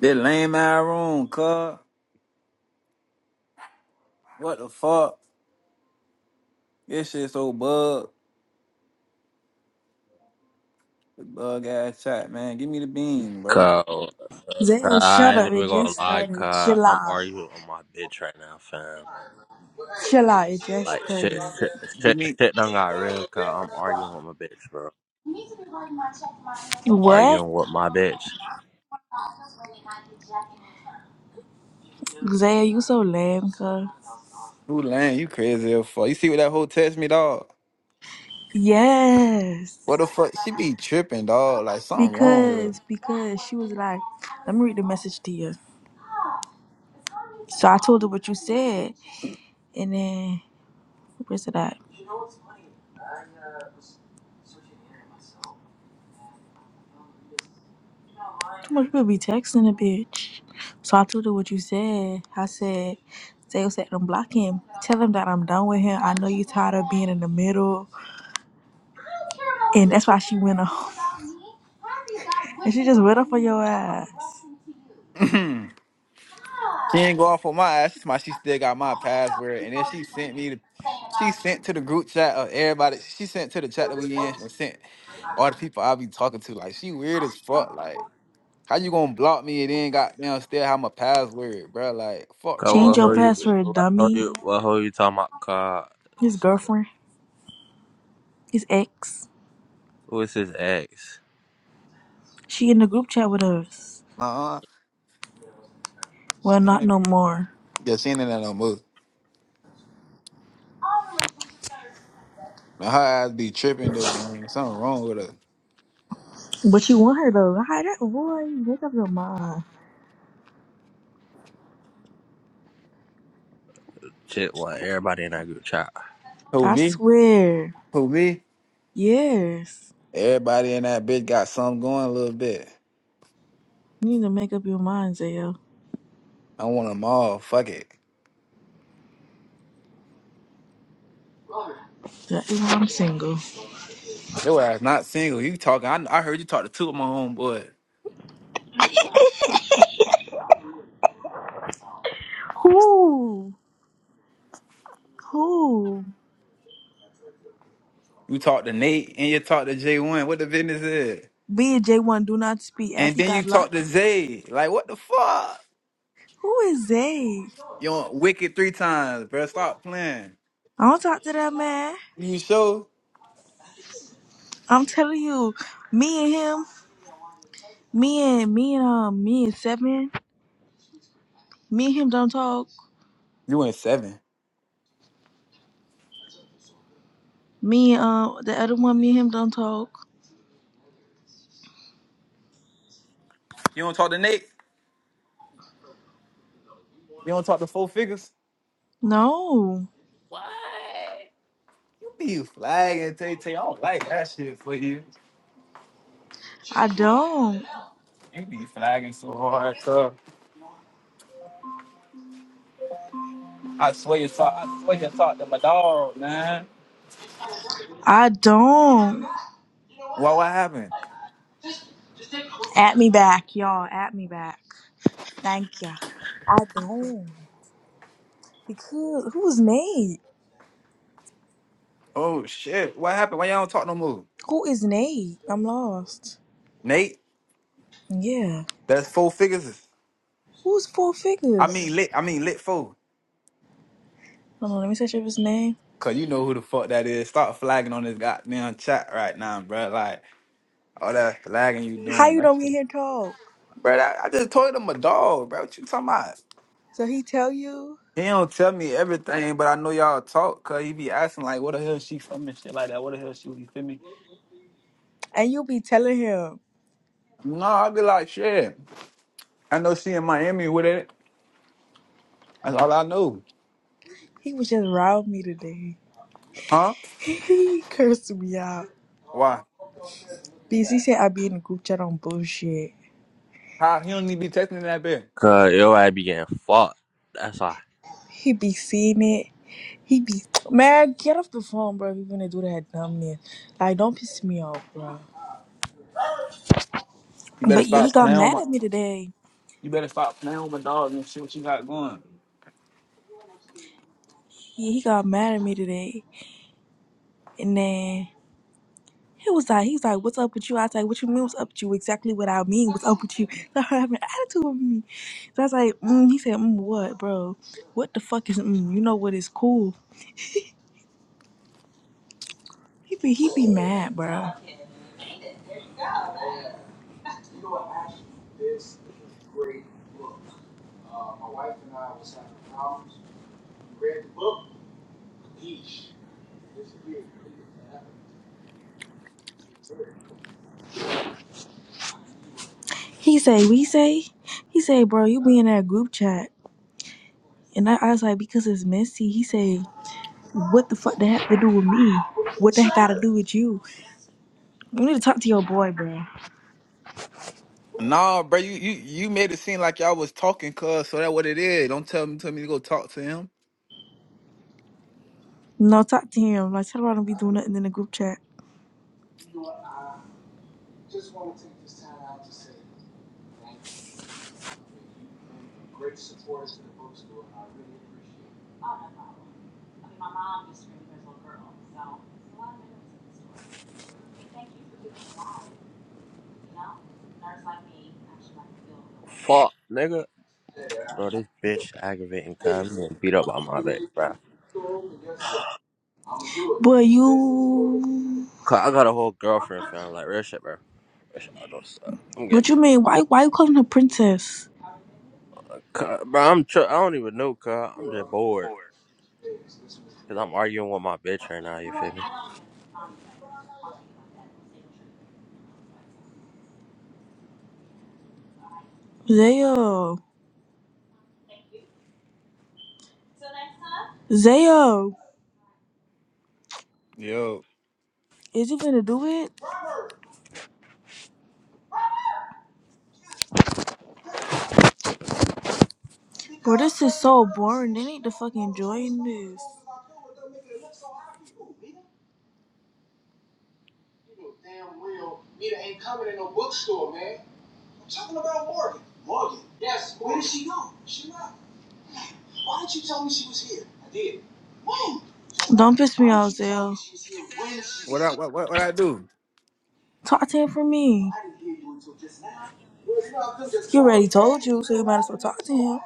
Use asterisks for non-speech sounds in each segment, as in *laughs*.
That lame eye room, car. What the fuck? This shit so bug. Bug ass chat, man. Give me the bean, bro. Cause, cause Zell, I shut ain't up. It even gonna just lie, started. cause Chill I'm out. arguing with my bitch right now, fam. Chill out. It just Like started. shit, shit, Give shit, me. shit done got real, cause I'm arguing with my bitch, bro. I'm What? arguing with my bitch. Zell, you so lame, cuz. Who lame? You crazy as fuck. You see what that hoe text me, dog? Yes. What the fuck? She be tripping, dog. Like something wrong Because, with because she was like, let me read the message to you. So I told her what you said. And then, where's it at? Too much people be texting a bitch. So I told her what you said. I said, Zell said, I'm blocking. him. Tell him that I'm done with him. I know you tired of being in the middle. And that's why she went off. And she just went off for your ass. her. *clears throat* she ain't go off on my ass. That's why she still got my password. And then she sent me the. She sent to the group chat of everybody. She sent to the chat that we in and sent all the people I be talking to. Like she weird as fuck. Like. How you gonna block me and then goddamn still have my password, bro? Like, fuck Cause wrong Change what your hoe with you, you? password, what hoe dummy. you, what hoe you talking about, His cause girlfriend, his ex. who is his ex? She in the group chat with us. Uh-uh. Well, She not ain't, no more. yeah, she ain't in that no more. Now her ass be tripping though, gang. Something wrong with her. But you want her though. Hi, that boy. Make up your mind. Shit, what everybody in that group chat. Who I me? swear. Who me? Yes. Everybody in that bitch got something going a little bit. You need to make up your mind, Zayo. I want them all. Fuck it. That is why I'm single. Your ass not single. You talking? I, I heard you talk to two of my homeboys. Who? Who? You talk to Nate and you talk to J One. What the business is? Me and J1 do not speak after And he then you got talk locked. to Zay. Like what the fuck? Who is Zay? You on wicked three times, bro. Stop playing. I don't talk to that man. You sure? I'm telling you, me and him, me and me and um, me and Seven, me and him don't talk. You went seven. Me and um, the other one, me and him don't talk. You don't talk to Nate? You don't talk to four figures? No, What? You be flagging, Tay Tay. I don't like that shit for you. I don't. You be flagging so hard, cuz. I swear you talk. I swear you talk to my dog, man. I don't. Why? What happened? At me back, y'all. At me back. Thank ya. I don't because who is Nate? Oh shit! What happened? Why y'all don't talk no more? Who is Nate? I'm lost. Nate, Yeah, that's four figures. who's four I mean figures? lit. I mean lit four. Hold on, let me search up his name. Cause you know who the fuck that is. Start flagging on this goddamn chat right now, bruh. Like all that flagging you How doing. you don't get here talk? Bro, I, I just told him a dog, bro. What you talking about? So he tell you? He don't tell me everything, but I know y'all talk, cause he be asking like, "What the hell she from and shit like that? What the hell she you feel me?" And you be telling him, No, I be like, "Shit, I know she in Miami with it. That's all I know, he was just riled me today. *laughs* huh? He cursed me out. Why? Because he said I be in the group chat on bullshit. How he don't need to be texting that bad? Cause yo, I be getting fucked. That's why, He be seeing it. He be, man, get off the phone, bro. If you gonna do that dumbness. Like, don't piss me off, bro. You better But yeah, he stop got playing with mad my, at me today. you better stop playing with my dog and shit. What you got going? Yeah, he got mad at me today. And then. He was like, he's like, what's up with you? I was like, what you mean? What's up with you? Exactly what I mean. What's up with you? *laughs* So her having an attitude with me. So I was like, mm, he said, mm, what, bro? What the fuck is mm? You know what is cool? He be he be mad, bro. He say, we say, he say, bro, you be in that group chat, and I, I was like, because it's messy. He say, what the fuck that have to do with me? What that got to do with you? You need to talk to your boy, bro. Nah, bro, you you you made it seem like y'all was talking, cause so that what it is. Don't tell me tell me to go talk to him. No, talk to him. Like, tell him I don't be doing nothing in the group chat. fuck, nigga. Bro, this bitch aggravating, cause I'm getting beat up by my bitch, bro. But you. Cause I got a whole girlfriend, fam. Like real shit, bro. Real shit, I don't suck. I'm What you getting, mean? Why why you calling her princess? cuz, bro. I'm. Tr- I don't even know, cuz. I'm just bored. Cause I'm arguing with my bitch right now. You feel me? Zayo. Zayo. Yo, Is you to do it? Bro, this is so boring. They need to fucking join this. Why'd you tell me she was here? I did. When? Don't piss me off, Zayo. what I what what, what I do? Talk to him for me. You already told you, so you might as well talk to him.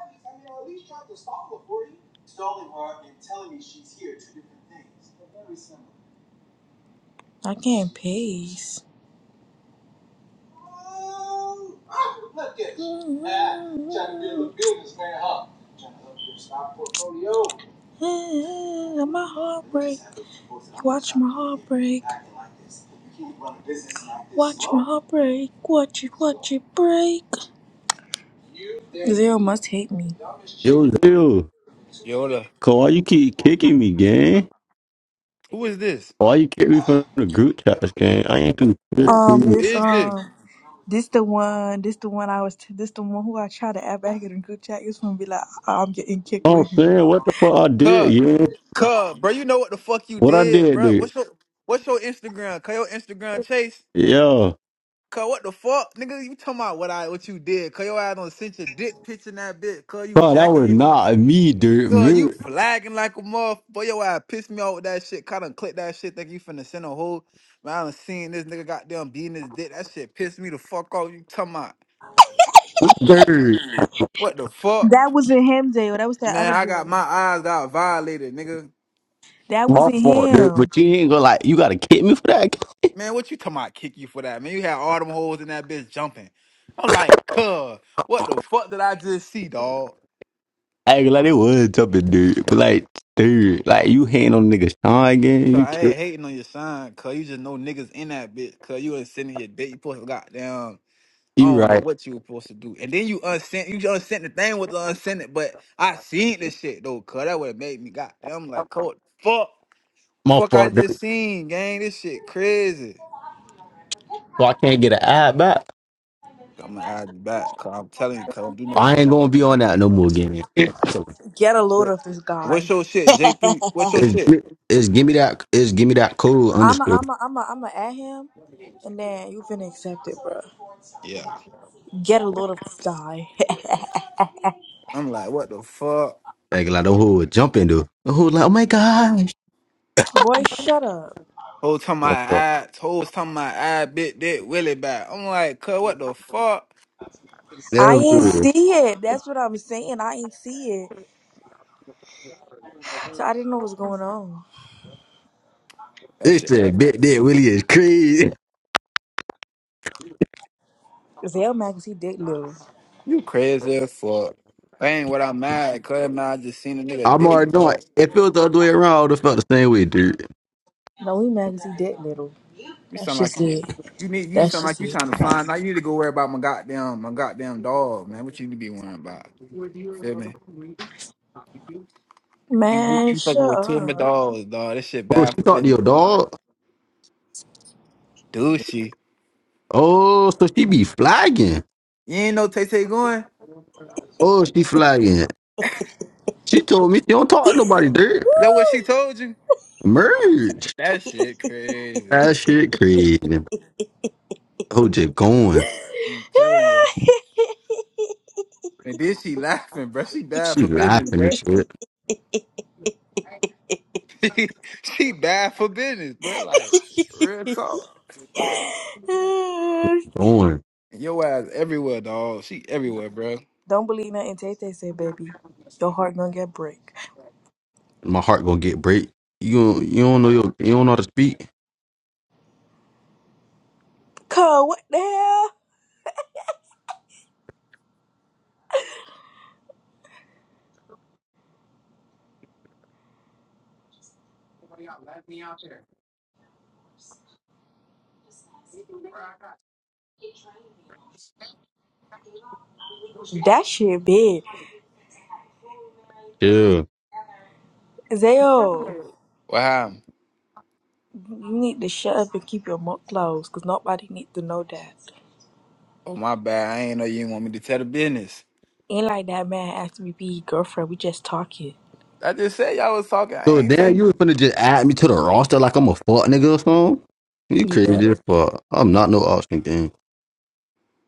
I can't pace. Look at you. Ah, trying to build a businessman, huh? Trying to help your stock portfolio. Ah, my heart break. Watch my heart break. Watch my heart break. Watch it, watch it break. Zero must hate me. Yo, Zell, Yo, cause why you keep kicking me, gang? Who is this? Why you kick me from the group chats, gang? I ain't do shit Who to Um, you. who this is this? um, this the one. This the one I was. This the one who I tried to add back in the group chat. It's gonna be like I'm getting kicked I'm with him. saying, what the fuck I did, Cub. yeah? Cub, bro, you know what the fuck you What I did, did, bro. dude? What's your what's your Instagram? Call your Instagram chase. Yeah. Cuz what the fuck? Nigga, you talking about what I what you did. Cuz your ass don't sent your dick picture in that bitch. Cuz you Bro, that jacking was your not me, dude. cuz Me, you flagging like a motherfucker. Boy, Your ass pissed me off with that shit. Cuz I done click that shit. Think you finna send a whole man. I done seen this nigga goddamn beating his dick. That shit pissed me the fuck off. You talking about dude. what the fuck? That wasn't him, Dale. That was that Man, other I got boy. my eyes got violated, nigga. That My wasn't fault, dude. him. But you ain't gonna, like, you gotta kick me for that? *laughs* Man, what you talking about kick you for that? Man, you had all them holes in that bitch jumping. I'm like, cuz, what the fuck did I just see, dog? I ain't gonna, like, it was jumping, dude. But, like, dude, like, you hating on nigga Sean again? Cuz You, I kick- ain't hating on your son, cuz you just know niggas in that bitch, cuz you ain't sending your dick. You supposed to goddamn, I you don't know right. what you were supposed to do. And then you unsent, you just unsent the thing with the unsent it, but I seen this shit though, cuz that would have made me goddamn like, cuz what the fuck, My fuck I fault, dude. just seen, gang, this shit crazy. So I can't get an ad back. I'm gonna add you back, cuz I'm telling you, cuz don't do no I shit ain't like gonna be on that. that no more, gang. So, Get a load What- of this guy. What's your shit, J3? What's your It's, shit? gimme, it's give me that. It's give me that cool I'm a, underscore. I'm a, I'm a, I'm a at him, and then you finna accept it, bro. Yeah. Get a load of this guy. I'm like, what the fuck? Like, like the who would jump into the who like, oh my gosh. *laughs* Boy, shut up. Whole time my eye, whole time my eye bit that Willie back. I'm like, cuz, what the fuck? I There it ain't is. see it. That's what I'm saying. I ain't see it. So I didn't know what's going on. That This shit, like, said, big dick Willie is crazy. Zell mad 'cause he dick little. you crazy as fuck. That ain't what I'm mad, cuz, man. I just seen a nigga I'm already dick, doing. cuz. If it was the other way around, I would have felt the same way, dude. No, we mad 'cause he dick little. You That's sound like just you, it. you need, you That's sound like just you it. trying to find. Now you need to go worry about my goddamn, my goddamn dog, man. What you need to be worrying about? Feel me? You, you, Man, you fucking with two of my shut dogs, dog. This shit Oh, she bad for talked to business. your dog. Douchey. Oh, so she be flagging. You ain't know Tay Tay going? Oh, she flagging. She told me she don't talk to nobody, dude. That what she told you? Merge. That shit crazy. That shit crazy. Oh, just going. I'm telling you. up. And then she laughing, bro. She bad She for business, laughing and bro. shit. *laughs* she she bad for business, bro. Like real talk. *laughs* Going. Your ass everywhere, dog. She everywhere, bro. Don't believe nothing Tay Tay said, baby. Your heart gonna get break. my heart gonna get break. You don't- you don't know your, you don't know how to speak. Cause what the hell? That shit big. Yeah. Zayo, What happened? you need to shut up and keep your mouth closed, cause nobody need to know that. Oh my bad. I ain't know you didn't want me to tell the business. Ain't like that man asked me to be his girlfriend. We just talking. I just said y'all was talking. I So ain't damn, say. you was finna just add me to the roster like I'm a fuck nigga or something. You Yeah. crazy as fuck. I'm not no option game.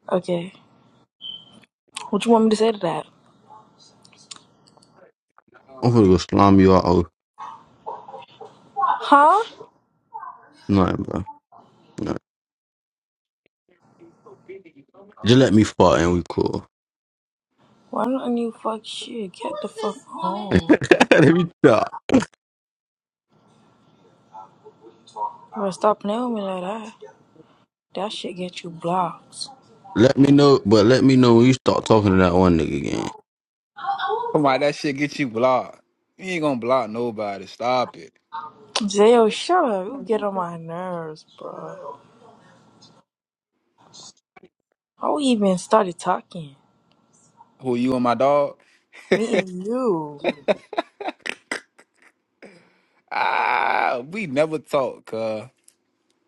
Okay. What you want me to say to that? I'm gonna go slime you out or Huh? nothing, bro. Just let me fuck and we cool. Why don't you fuck shit? Get the fuck home. *laughs* let me stop. Bro, stop playing with me like that. That shit get you blocked. Let me know, but let me know when you start talking to that one nigga again. Come on, that shit get you blocked. You ain't gonna block nobody. Stop it. Zayo, shut up. You get on my nerves, bro. How we even started talking? Who you and my dog? Meeting you. Ah, we never talk, cuz.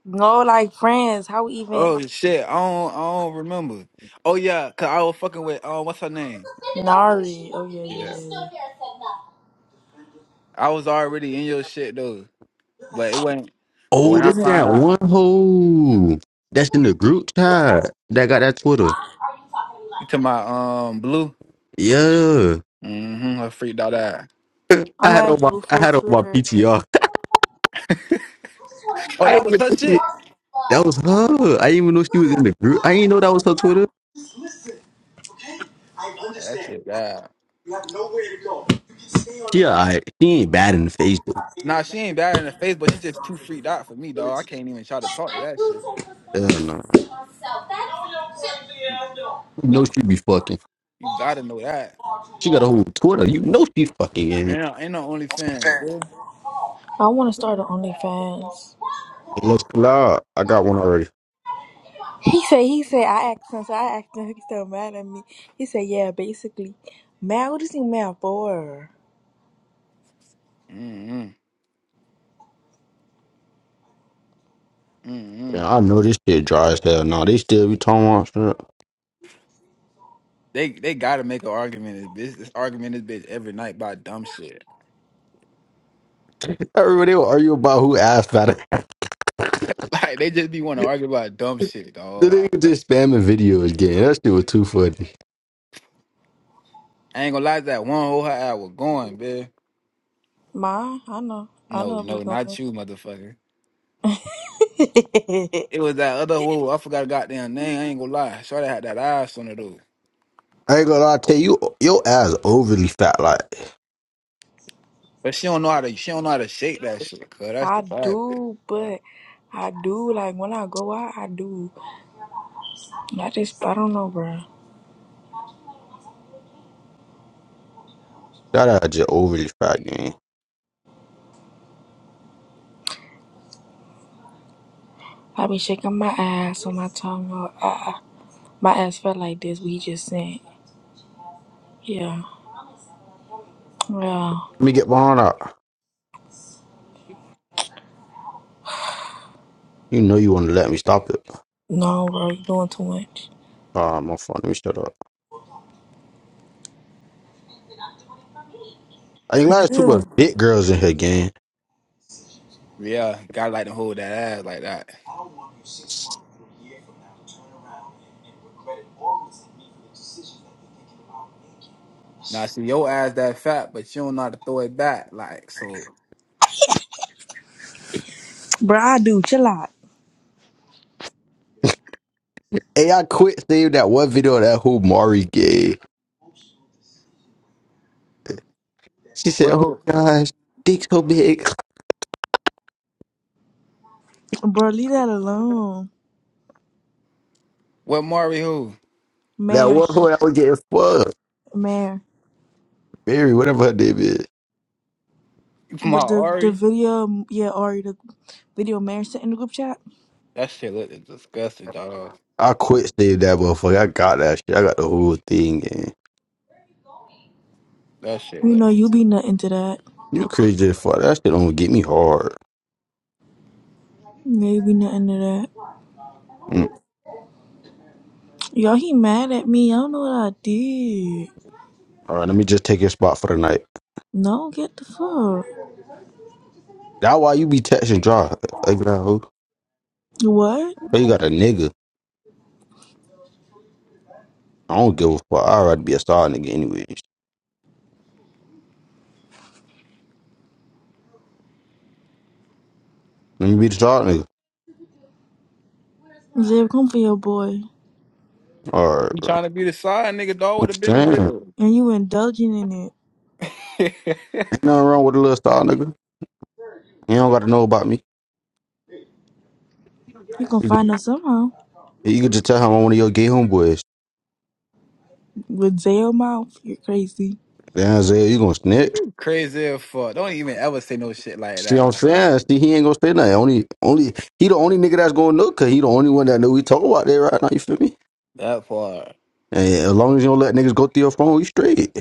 No, like friends. How we even? Oh shit, I don't, I don't remember. Oh yeah, cause I was fucking with uh, what's her name? Nari. Oh yeah, yeah, Yeah, yeah. yeah. I was already in your shit though, but it wasn't. But Oh, It when I this wasn't. found that out, one hoe that's in the group chat that got that Twitter. you to my um blue, Yeah. mm-hmm, I freaked out. Out. *laughs* I I'm had on at my I Buford had on my Twitter. PTR. *laughs* Oh, I that ain't was even her know she shit. That was her. I didn't even know she was in the group. I didn't know that was her Twitter. Yeah, that shit bad. She alright. She ain't bad in Facebook. face Nah, she ain't bad in the face, but she just too freaked out for me, dog. I can't even try to talk to that shit. though. Hell no. Mm-mm. You know she be fucking. You gotta know that. She got a whole Twitter. You know she fucking in. Ain't, it. no, ain't no OnlyFans, dude. I want to start an OnlyFans. Hey, Let's pull out. I got one already. He said. He said. I asked him. So I asked him. *laughs* He's still mad at me. He said, "Yeah, basically, mad. What is he mad for? Mm-mm, mm-mm. Yeah, I know this shit dry as hell. Nah, they still be talking about They they gotta make an argument. This this argument this bitch every night by dumb shit. shit. Everybody will argue about who asked about it. *laughs* *laughs* Like they just be want to argue about dumb shit, The dog. nigga just spamming videos again. That shit was too funny. I ain't gonna lie, that one whole hot hour going, man. Ma, I know. I No, know be no, not going. you, motherfucker. *laughs* It was that other whole. I forgot her goddamn name. I ain't gonna lie. Shorty had that ass on her though, I ain't gonna lie, I tell you, your ass overly fat. Like, but she don't know how to. She don't know how to shake that shit. Cause that's the I vibe, bitch. do, Uh, but I do. Like when I go out, I do. I just. I don't know, bro. that ass just overly fat, gang. I be shaking my ass on my tongue. Or, ah. my ass felt like this. We just sent. Yeah. Yeah. Let me get behind that. You know you wanna let me stop it. No, bro, you doing too much. Oh, my phone. Let me shut up. I ain't lying. there's Too Yeah. much big girls in here, gang. Yeah, gotta like to hold that ass like that. Now see your ass that fat, but you don't know how to throw it back. Like so, Bro, I do. Chill out. Hey, I quit seeing that one video of that who Mari gave. She said, what "Oh who? my gosh, dick so big." *laughs* Bro, leave that alone. What Mari who? That Man, one who I was getting fucked, man. Mary, whatever her name is. *laughs* My But the the Ari? video, yeah, Ari, the video man sent in the group chat. That shit look disgusting, dog. I quit seeing that motherfucker. I got that shit. I got the whole thing, gang. That shit You know, look you be nothing to that. You crazy as fuck. That shit don't get me hard. Yeah, you be nothing to that. Mm. Y'all, he mad at me. I don't know what I did. All right, let me just take your spot for the night. No, get the fuck. That why you be texting draw, Like that hoe. What? Oh, you got a nigga. I don't give a fuck. I'd rather be a star nigga anyways. Let me be the star nigga. Zeb, come for your boy. All right. You trying to be the side nigga dog with I'm the business saying. Ain't deal. And you indulging in it. *laughs* nothing wrong with a little star nigga. You don't gotta know about me. You gonna You could, find out somehow. you could just tell him I'm one of your gay homeboys. With jail mouth, you're crazy. Damn Zay, you gonna snitch. you crazy as fuck. Don't even ever say no shit like See that. I'm Like saying? See he ain't gonna say nothing. Only only he the only nigga that's gonna know cause he the only one that know we talk about that right now, you feel me? that part. And as long as you don't let niggas go through your phone, we straight.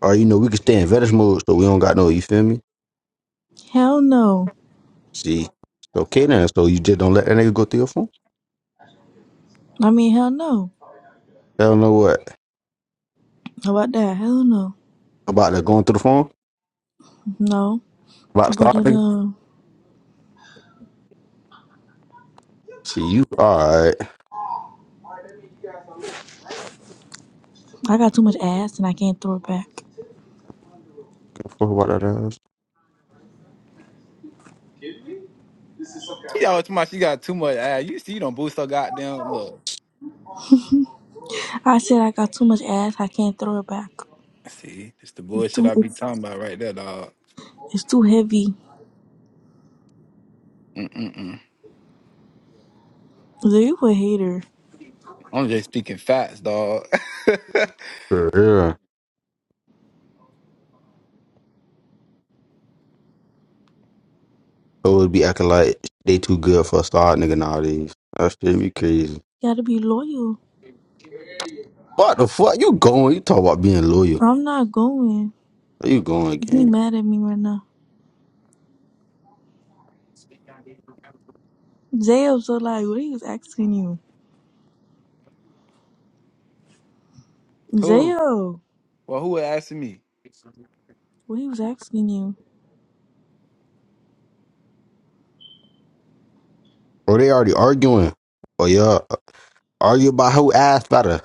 Or you know, we can stay in vetish mode so we don't got no, you feel me? Hell no. See. It's okay then. So you just don't let that nigga go through your phone? I mean, hell no. I don't know what. How about that? Hell no. About the going through the phone? No. About How the about star that? nigga? Uh, See you alright. I got too much ass and I can't throw it back. Fuck about that ass. She always too much. She got too much ass. You see, you don't boost her goddamn look. I said I got too much ass. I can't throw it back. See, it's the It's bullshit too. I be It's talking about right there, dog. it's too heavy. Mm mm mm. Dude, you a hater. I'm just speaking facts, dog. *laughs* For real. So it would be acting like they too good for a star nigga nowadays. That shit be crazy. gotta be loyal. What the fuck? You going? You talk about being loyal. I'm not going. Where you going, He gang? mad at me right now. Zayo, so like what he was asking you. who? Zayo, Well, who would ask me? what he was asking you. Bro, they already arguing. Oh yeah, argue about who ass better.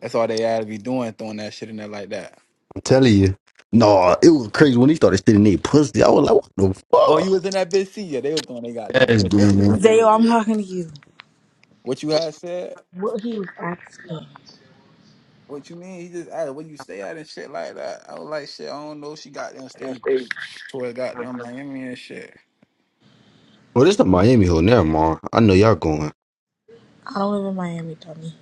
That's all they had to be doing, throwing that shit in there like that. I'm telling you. No, it was crazy when he started stealing their pussy. I was like, what the Oh, fuck? you was in that bitch? See, yeah, they was throwing they goddamn Yes, pussy. That shit was dude. Zayo, crazy. I'm talking to you. What you had said? What he was asking. What you mean? He just asked where you stay at and shit like that. I was like, shit, I don't know. She got them stay toward goddamn Miami and shit. Well, this the Miami hoe. Never mind. I know y'all going. I don't live in Miami, dummy.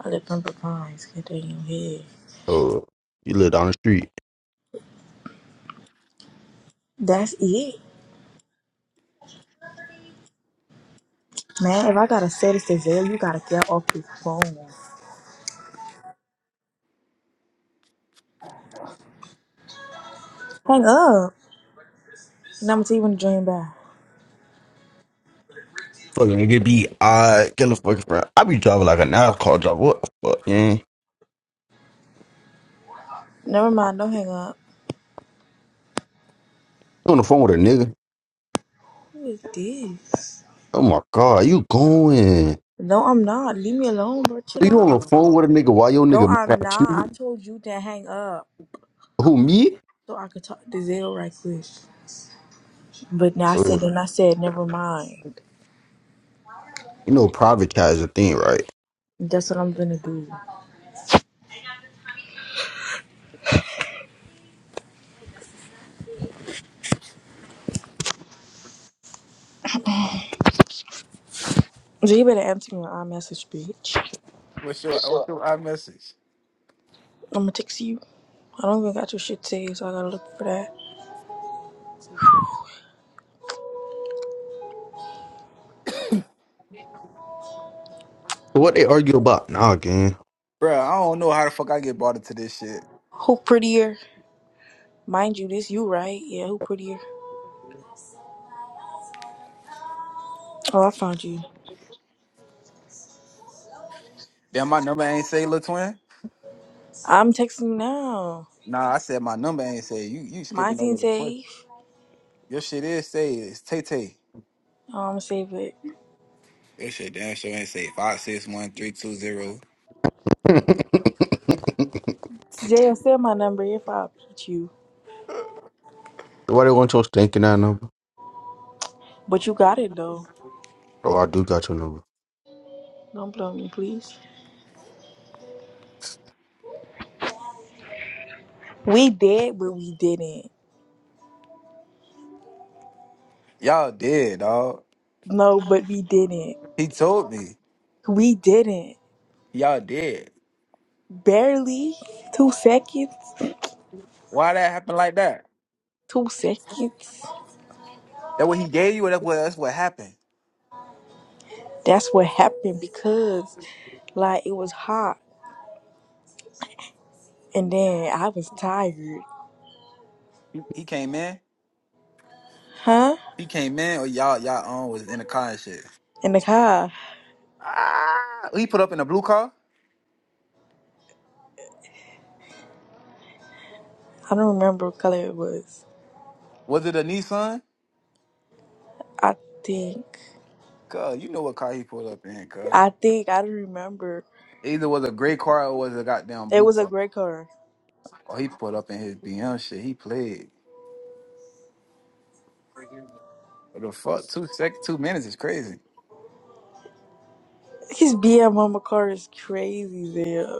I live in Pembroke Pines. Get that in your head. Oh, you live down the street. That's it. Man, if I gotta say this to Zayo, you gotta get off the phone. Hang up. And I'm gonna tell you when to join back. Fucking nigga be odd. get a fucking friend. I be driving like a NASCAR driver. What the fuck, gang? Never mind, don't hang up. You on the phone with a nigga. Who is this? Oh my god, you going? No, I'm not. Leave me alone, bro. Are Chill you on the out. phone with a nigga while your No, nigga mad I'm at you? not. I told you to hang up Who me? so I could talk to Zayo right quick. But now I Uh, said, and I said, never mind. You know, privatize the thing, right? That's what I'm gonna do. G you better answer my iMessage, bitch. What's your what's your iMessage? I'ma text you. I don't even got your shit saved, so I gotta look for that. So what they argue about? Nah, gang. Bruh, I don't know how the fuck I get brought into this shit. Who prettier? Mind you, this you, right? Yeah, who prettier? Oh, I found you. Damn, my number ain't say Lil Twin. I'm texting you now. Nah, I said my number ain't say you. You skipping Mine's over ain't the push. saved. Your shit is say it's Tay Tay. Oh, I'ma save it. Your shit damn sure ain't say five six one three two zero. Jay, send my number if I beat you. So Why they want your stinking ass number? But you got it, though. Oh, I do got your number. Don't blow me, please. We did, but we didn't. Y'all did, dog. No, but we didn't. He told me We didn't. y'all did. Barely. Two seconds. Why that happened like that? Two seconds. That what he gave you, or that what that's what happened. That's what happened because like it was hot and then I was tired. He, he came in. Huh? He came in, or y'all y'all um was in the car and shit. In the car. Ah, he put up in a blue car. I don't remember what color it was. Was it a Nissan? I think Cuz you know what car he pulled up in, cuz. I think I don't remember. Either was a gray car or was a goddamn It blue was a car. gray car. Or he pulled up in his BM shit. He played. What the fuck? Two sec two minutes is crazy. His BM mama car is crazy there.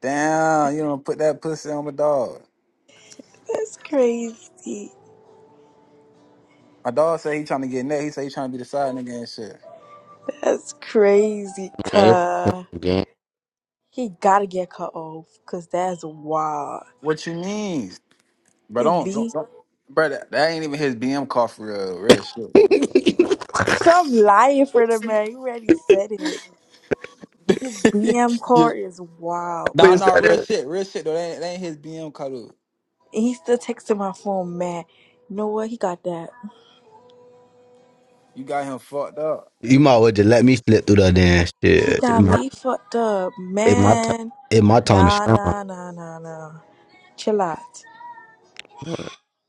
Damn, you don't put that pussy on my dog. That's crazy. My dog say he trying to get neck. He say he trying to be the side nigga and shit. That's crazy Man, car. gang. He gotta get cut off because that's wild. What you mean? Bro, It's don't don't, B. don't. Bro, that, that ain't even his BM car for real, real *laughs* shit. Wait, Stop lying for the man. You already said it. His *laughs* BM Yeah. card is wild, Nah, is bro. nah, that real it? shit, real shit though. That ain't, that ain't his BM color. And he still texting my phone, man. You know what? He got that. You got him fucked up. you might well just let me slip through that damn He shit. got In my, me fucked up, in my, ti- man. in my time to Nah, shine. nah, nah, nah, nah. Chill out.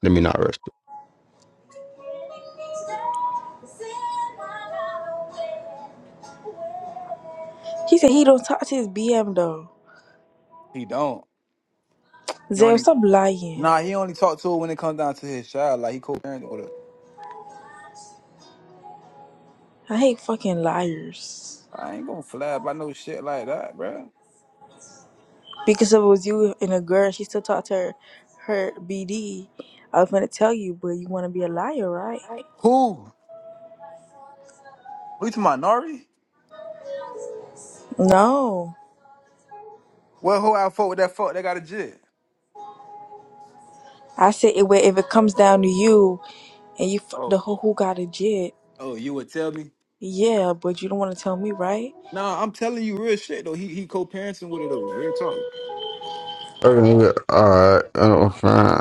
Let me not rush. He said he don't talk to his BM though. He don't. He Zay, only stop lying. nah. He only talk to her when it comes down to his child. Like he co-parenting with her. I hate fucking liars. I ain't gonna flab. by no shit like that, bruh. Because if it was you and a girl, she still talked to her, her BD. I was gonna tell you, but you wanna be a liar, right? Who? Who you to my Nari? No. Well, who out fuck with that fuck? They got a jit. I said it, where if it comes down to you and you f- the Oh, who who got a jit, oh, you would tell me? yeah, but you don't want to tell me, right? Nah, I'm telling you real shit though. He he co-parenting with her though. Real talk. All right, all right. I don't find.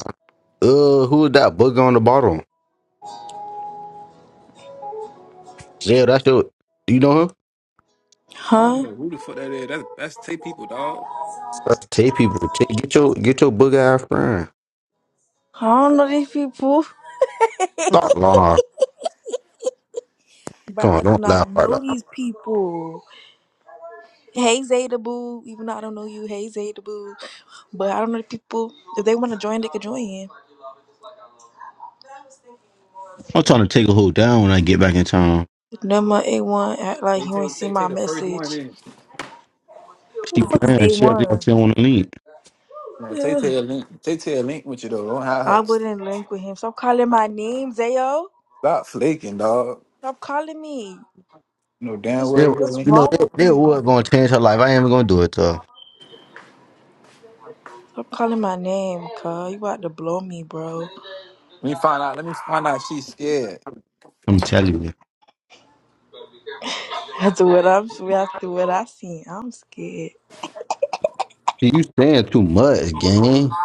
Uh, who is that booger on the bottom? Yeah, that's your. Do you know him? I don't Huh? know who the fuck that is. That's that's Tay people, dog. That's Tay people. Tay, get your get your booger ass friend. I don't know these people, Stop, Lana. but Come I on, do don't laugh not like know that. these people. Hey Zeta Boo, even though I don't know you, hey Zeta Boo, but I don't know the people. If they want to join, they can join. I'm trying to take a hoe down when I get back in town. Number A one act like Tay you Tay ain't Tay seen Tay my the first one message. in. Who She the fuck is playing. A She up there. one? She don't want to leave. No, Tay Ugh. Tay a link. Tay Tay a link with you though. Don't have I her. wouldn't link with him. Stop calling my name, Zayo. Stop flaking, dog. Stop calling me. No damn What's They, well you you're a what's link. Let know, wrong they, with they you? were going to change her life. I ain't even going to do it though. Stop calling my name, cuz. You about to blow me, bro. me find out. Let me find out she's scared. I'm telling you. *laughs* After what I'm after what I seen, I'm scared. See, You saying too much, gang.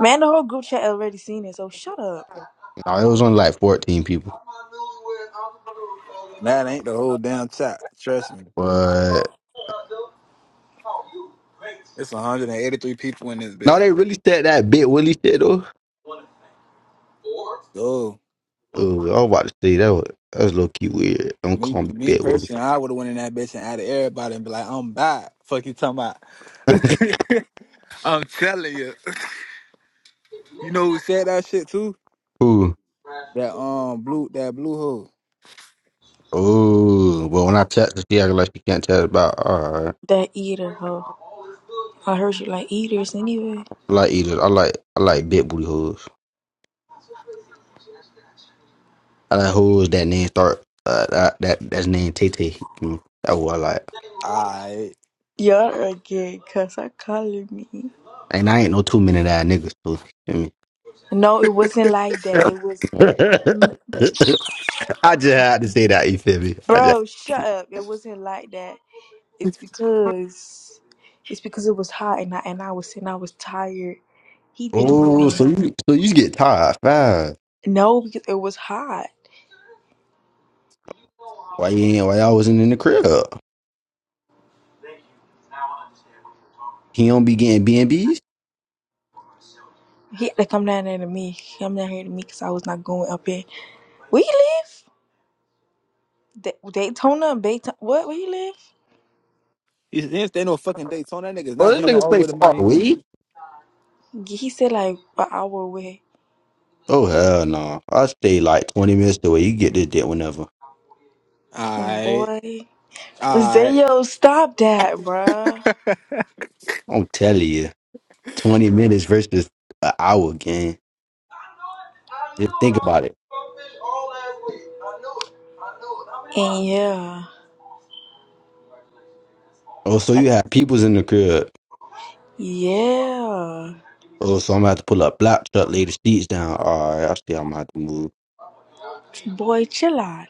Man, the whole group chat already seen it, so shut up. No, it was only like 14 people. That ain't the whole damn chat. Trust me. But It's 183 people in this no, bitch. they really said that bit Willie shit though. So Oh, I was about to say that was that was low key weird. Don't me, call me me bit Willie. personally, I would have went in that bitch and added everybody and be like, I'm back. Fuck you talking about. *laughs* *laughs* I'm telling you. You know who said that shit too? Ooh, That um blue that blue hole. ooh. But when I text her, she acting like she can't tell about. All right, That eater hoe. I heard you like eaters anyway. I like either. I like I like big booty hoes. I like hoes that name start. Uh, that, that that's name Tay Tay. Mm, That's what I like. Alright. Y'all are gay, cuz I calling me. And I ain't no two minute eye niggas too. You No, it wasn't like that. feel It was me? *laughs* I just had to say that. You feel me? I just. bro, shut up. It wasn't like that. It's because it's because it was hot and I and I was and I was tired. He didn't Oh, even so you so you get tired fast. no because it was hot. Why you ain't? Why y'all wasn't in the crib? He don't be getting B and B's. He had to come down there to me. He Come down here to me because I was not going up here. Where you live? Da- Daytona, Baytona. What? Where you live? He didn't stay no fucking Daytona. That nigga's Oh, not this jumping niggas all the stay way to far away. Miami. He said like an hour away. Oh hell no! I stay like twenty minutes the way you get this dick whenever. And Alright. boy, Alright. Zayo, stop that, bruh. I'm telling you, twenty minutes versus an hour game. Just think about it. And yeah, Oh, so you have peoples in the crib. yeah. Oh, so I'm gonna have to pull up black truck, lay the seats down. All right, I stay. I'm gonna have to move. Boy, chill out.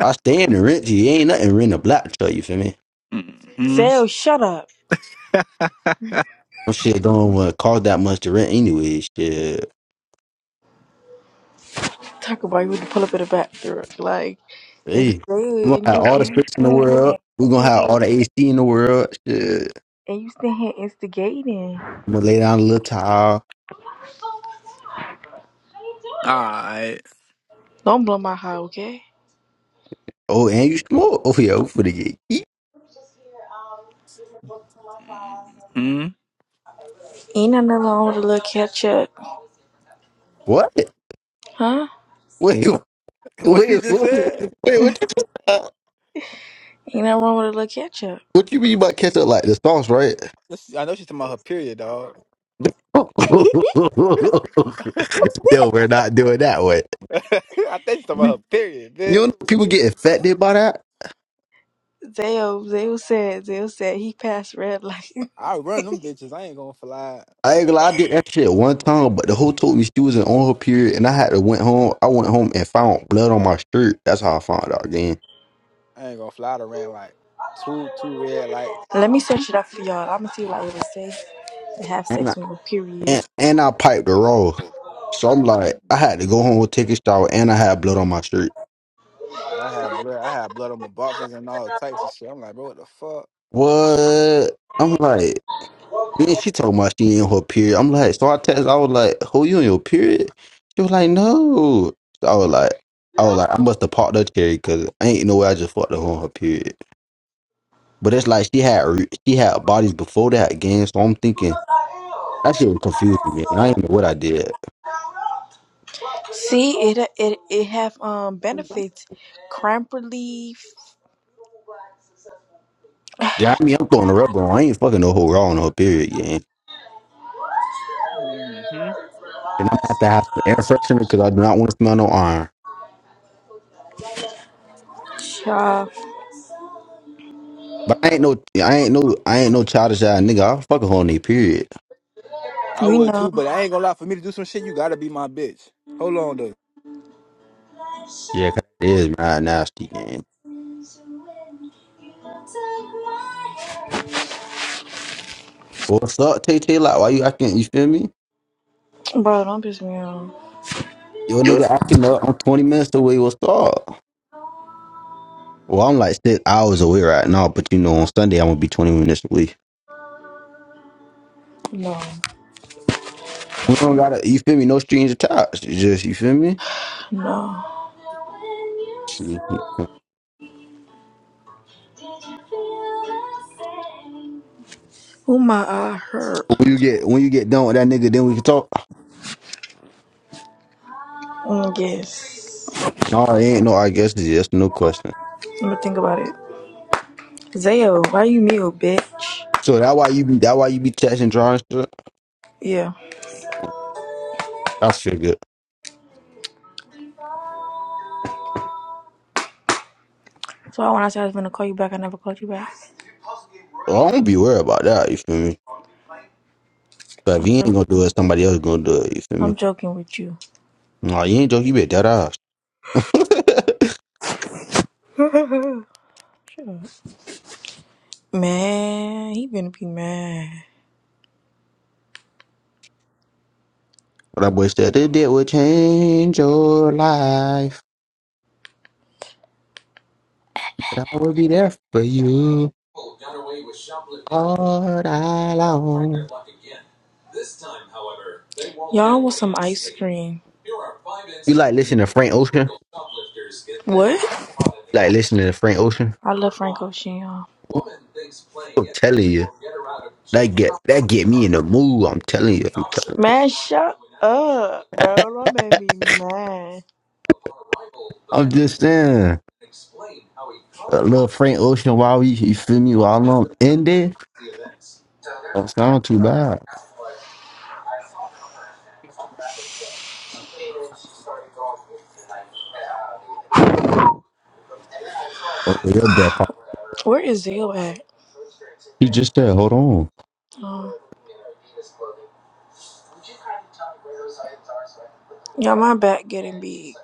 I stay in the rent. You ain't nothing rent a black truck. You feel me? Mm-hmm. Zayo, shut up. No shit don't uh, cost that much to rent anyway. Shit. talk about you to pull up in the bathroom, like and dude, Hey, we gonna and have you and all the you space in the stand there, world. We gonna stand have here, all the AC in the world. Shit. and you stand here instigating. I'm gonna lay down a little towel. Alright. Don't blow my high, okay? Oh, and you smoke. Oh yeah, we finna get hmm Ain't nothing wrong with a little ketchup, What? Wait, huh? wait, What she wait, just what, said? wait, what you just- uh, Ain't nothing wrong with a little ketchup. what you mean by ketchup? Like the sauce, right? Let's- I know she's talking about her period, dog. *laughs* no, we're not doing that one. *laughs* I think she's talking about her period, You bitch. know people get affected by that. Zayo, Zayo said, Zayo said he passed red light. *laughs* I run them bitches. I ain't gonna fly. I ain't gonna lie, I did that shit one time, but the hoe told me she was in on her period, and I had to went home. I went home and found blood on my shirt. That's how I found out again. I ain't gonna fly to ran like two two red light. Let me search it up for y'all. I'ma see what it would say to have And I, sex with a and, period. and I piped the raw, so I'm like, I had to go home, take a shower, and I had blood on my shirt. Yeah, I have blood. I have blood on my boxes and all types of shit. I'm like, bro, what the fuck? What? I'm like. Then she talking about she in her period. I'm like, so I text. I was like, "Who you in your period?" She was like, "No." So I was like, I was like, I must have popped her cherry because I ain't no way I just fucked her on her period. But it's like she had re- she had bodies before that game, so I'm thinking that shit was confusing me. I ain't know what I did. See, it it it have um benefits, cramp relief, Yeah, I mean, I'm throwing the rubber on. I ain't fucking no whole raw on her period, game, hmm And I'm gonna have to have some air freshener because I do not want to smell no iron. uh, But I ain't no, I ain't no, I ain't no childish ass nigga. I'll fuck a whole new period. I We would know. too, but I ain't gonna lie. For me to do some shit, you gotta be my bitch. Hold on Yeah, 'cause it is mad nasty. What's up, Tay Tay? Like, why you acting? You feel me? Bro, don't piss me off. Yo, nigga, acting up. I'm 20 minutes away. What's up? Well, I'm like six hours away right now, but you know, on Sunday I'm gonna be 20 minutes away. No. We don't gotta. You feel me? No strings attached. It's Just you feel me? No. Shit. Oh my eye hurt. When you get when you get done with that nigga, then we can talk. Mm, yes. No, it ain't no. I guess it's just no question. Let me think about it. Zayo, why you mute, bitch? So that why you be that why you be texting drawing stuff? Yeah. I feel good. So when I said I was gonna call you back, I never called you back. I don't be worried about that. You feel me? But if he Okay. ain't gonna do it, somebody else gonna do it. You feel I'm me? joking with you. No, you ain't joking. You be dead ass. *laughs* Shut up. Man, he gonna be mad. What I wish that boy said, if it would change your life. I would be there for you all night long. This time, however, they won't Y'all want some ice cream. You like listening to Frank Ocean? What? You like listening to Frank Ocean? I love Frank Ocean, y'all. I'm telling you, that get that get me in the mood. I'm telling you, I'm, telling you. Man, shut up, bro. That made me mad. I'm just saying, a little Frank Ocean while you, you feel me while I'm in there. Don't sound too bad. Hold Your breath. Where is Zio at? You just there. Hold on. Oh. Yeah, my back getting big.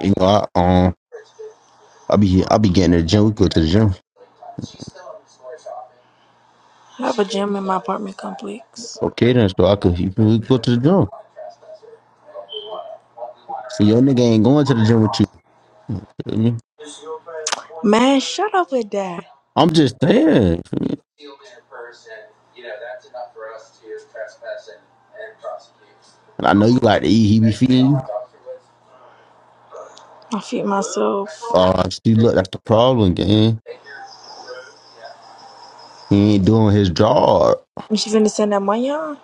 You know, I um, I be I be getting to the gym. We go to the gym. I have a gym in my apartment complex. Okay, then so I could you, we go to the gym. See, your nigga ain't going to the gym with you. feel me? Man, shut up with that. I'm just there. I know you like to eat. He be feeding you. I feed myself. Uh, see, look, that's the problem, gang. He ain't doing his job. You She finna send that money on?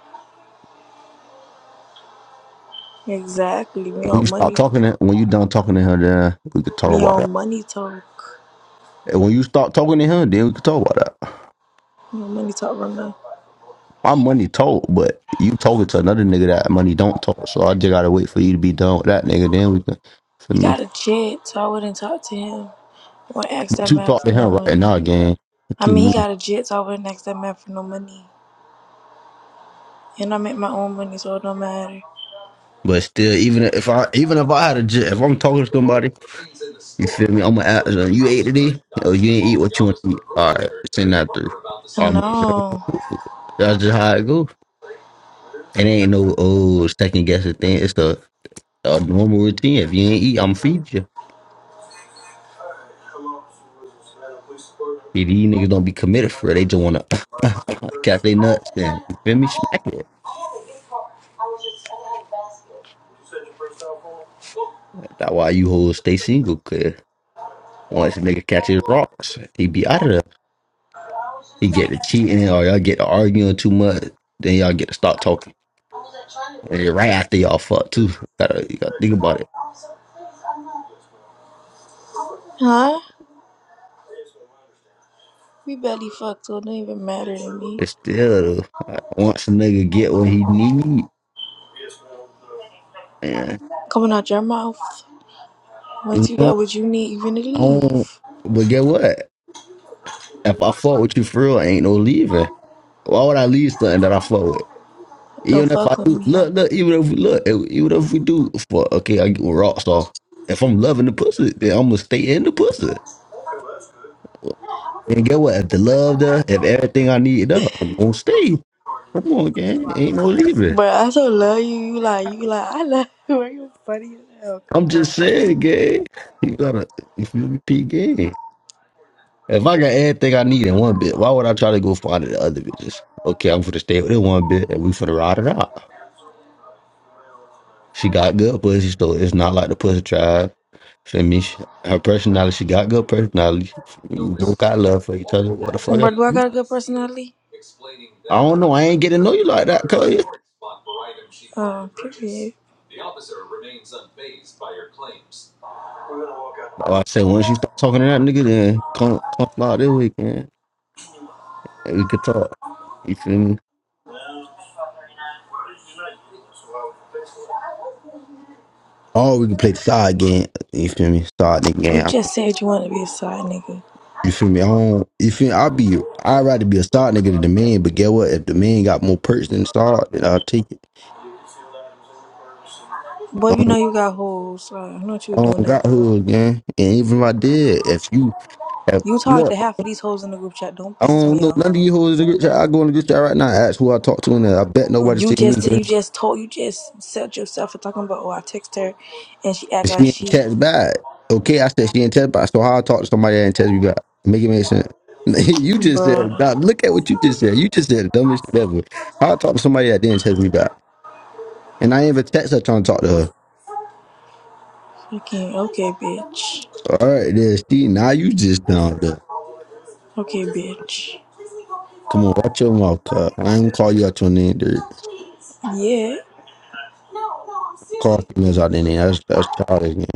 Exactly. We When you on start money. talking to when you done talking to him, then we could talk We about on that. money talk. And when you start talking to him, then we could talk about that. We on money talk right now. My money told, but you told it to another nigga that money don't talk. So I just gotta wait for you to be done with that nigga. Then we can, for He me, got a jet, so I wouldn't talk to him or ask but that you man talk to for him no right money. now, gang. What I you mean, he mean? got a jet so over the next that man for no money. And I make my own money, so it don't matter. But still, even if I even if I had a j- if I'm talking to somebody. You feel me? I'm gonna ask them, you ate today? Oh, you ain't eat what you want to eat. All right, send that through. Um, No. that's just how it go. It ain't no oh second guessing thing. It's the, the normal routine. If you ain't eat, I'm feed you. See, these niggas don't be committed for it. They just wanna *laughs* catch they nuts and you feel me smack it. That's why you hoes stay single. Cause once a nigga catches rocks, he be out of there. He get to cheating or y'all get to arguing too much. Then y'all get to start talking. And then right after y'all fuck too. Gotta you gotta think about it. Huh? We barely fucked, so it don't even matter to me. But still, uh, once a nigga get what he need, man, Coming out your mouth. Once you you know, got what you need, you finna I don't, leave. but get what? If I fuck with you for real, ain't no leaving. Why would I leave something that I fuck with? Don't Even if fuck I with do, me. look, look, even if we look, even if we do fuck, okay, I get with rocks off. If I'm loving the pussy, then I'm gonna stay in the pussy. Then get what? If the love there, if everything I need there, I'm gonna stay. Come on, gang, ain't no leaving. But I so love you. You like, you like, I love you. *laughs* Are you funny as hell, I'm God? just saying, gang. You gotta, if you feel me, p, gang. If I got everything I need in one bit, why would I try to go find the other bitches? Okay, I'm finna stay with it one bit and we finna ride it out. She got good pussy, so it's not like the pussy tribe. Feel me? She- Her personality, she got good personality. We both got love for each other. What the fuck? But else? do I got personally. good personality? I don't know. I ain't getting to know you like that, cuz. Oh, period. So I said, once you start talking to that nigga, then come, come out this weekend and we could talk. You feel me? Or we can play the side game. You feel me? Side nigga You game. just said you want to be a side nigga. You feel me? I don't. You feel? I'll be. I'd rather be a star nigga than the man. But get what? If the man got more perks than star, then I'll take it. Boy, I you know don't, you got hoes. so I don't know what I you doing don't that got for. hoes, gang. And even if I did, if you, if You talked look, to half of these hoes in the group chat. Don't I piss don't me know off. none of you hoes in the group chat. I go in the group chat right now. and Ask who I talk to, and I bet nobody You see me. just Gang. you just told you just set yourself for talking about oh I text her, and she act If like She ain't she, text back. Okay, I said she ain't text back. So how I talk to somebody that ain't text me back? Make it make sense. *laughs* you just said. bruh. Nah, look at what you just said. You just said the dumbest shit ever. How I talk to somebody that didn't text me back, and I ain't even text her trying to talk to her. Okay, okay, bitch. All right, there, Steve. Now you just down there. Okay, bitch. Come on, watch your mouth, cuz. I ain't gonna call you out your name, dude. Yeah. Call females out their name. That's that's childish, man.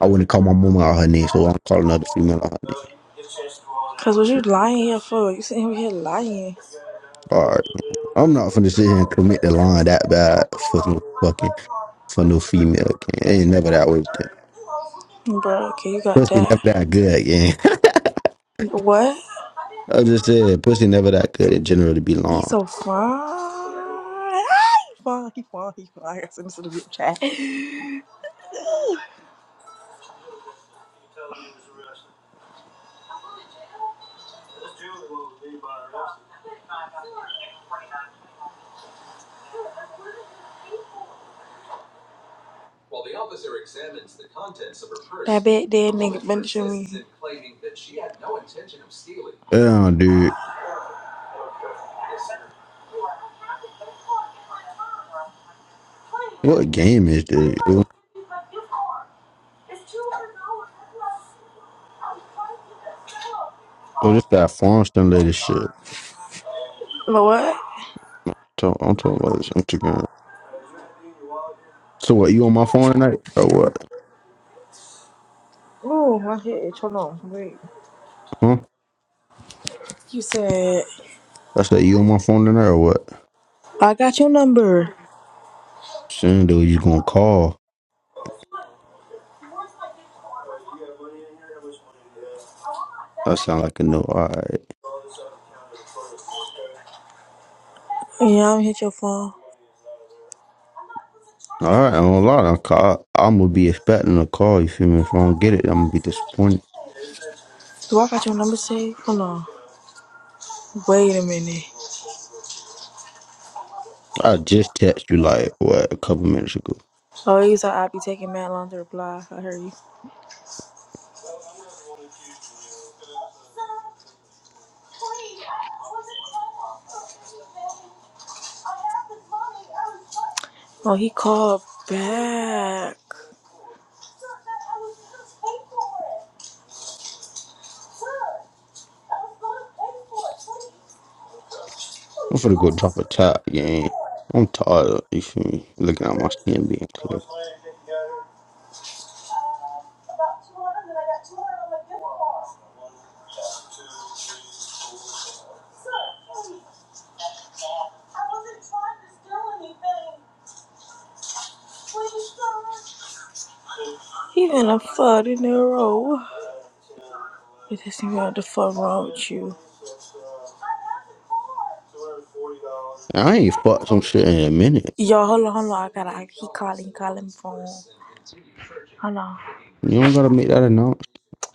I wouldn't call my mama out her name, so I'm calling another female out her name. Cause what you lying here for? You sitting over here lying, All right, I'm not finna sit here and commit the line that bad for no fucking for no female. Gang. It ain't never that way. Dude. bro. Okay, you got Pussy never that. that good, gang. What? *laughs* I just said pussy never that good in general to be He long. so fine. Ah, He fine. He fine. He fine. I got send this to the group chat. That bad dead nigga mentioned me. Damn, dude. What game is this? Oh, this that Farmston lady shit. But what? Talk- I'm talking about this Instagram. So what? You on my phone tonight or what? Ooh, my head. itch. Hold on. Wait. Huh? You said I said you on my phone tonight or what? I got your number. Soon, dude, you gonna call? That sound like a no. All right, Yeah, I'm hit your phone. all right. I'm gonna lie. I'm, ca- I- I'm gonna be expecting a call. You feel me? If I don't get it, I'm gonna be disappointed. Do I got your number saved? Hold on. Wait a minute. I just text you like what a couple minutes ago. Oh, you said I'd be taking mad long to reply. I heard you. Oh, he called back. I'm finna go drop a top, gang. I'm tired. You feel me? Looking at my skin being clear. He in a flood in a row. It isn't what the fuck wrong with you. I ain't fucked some shit in a minute. Yo, hold on, hold on. I gotta. I, he calling, calling phone. Hold on. You don't gotta make that announcement.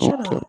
I don't care. up.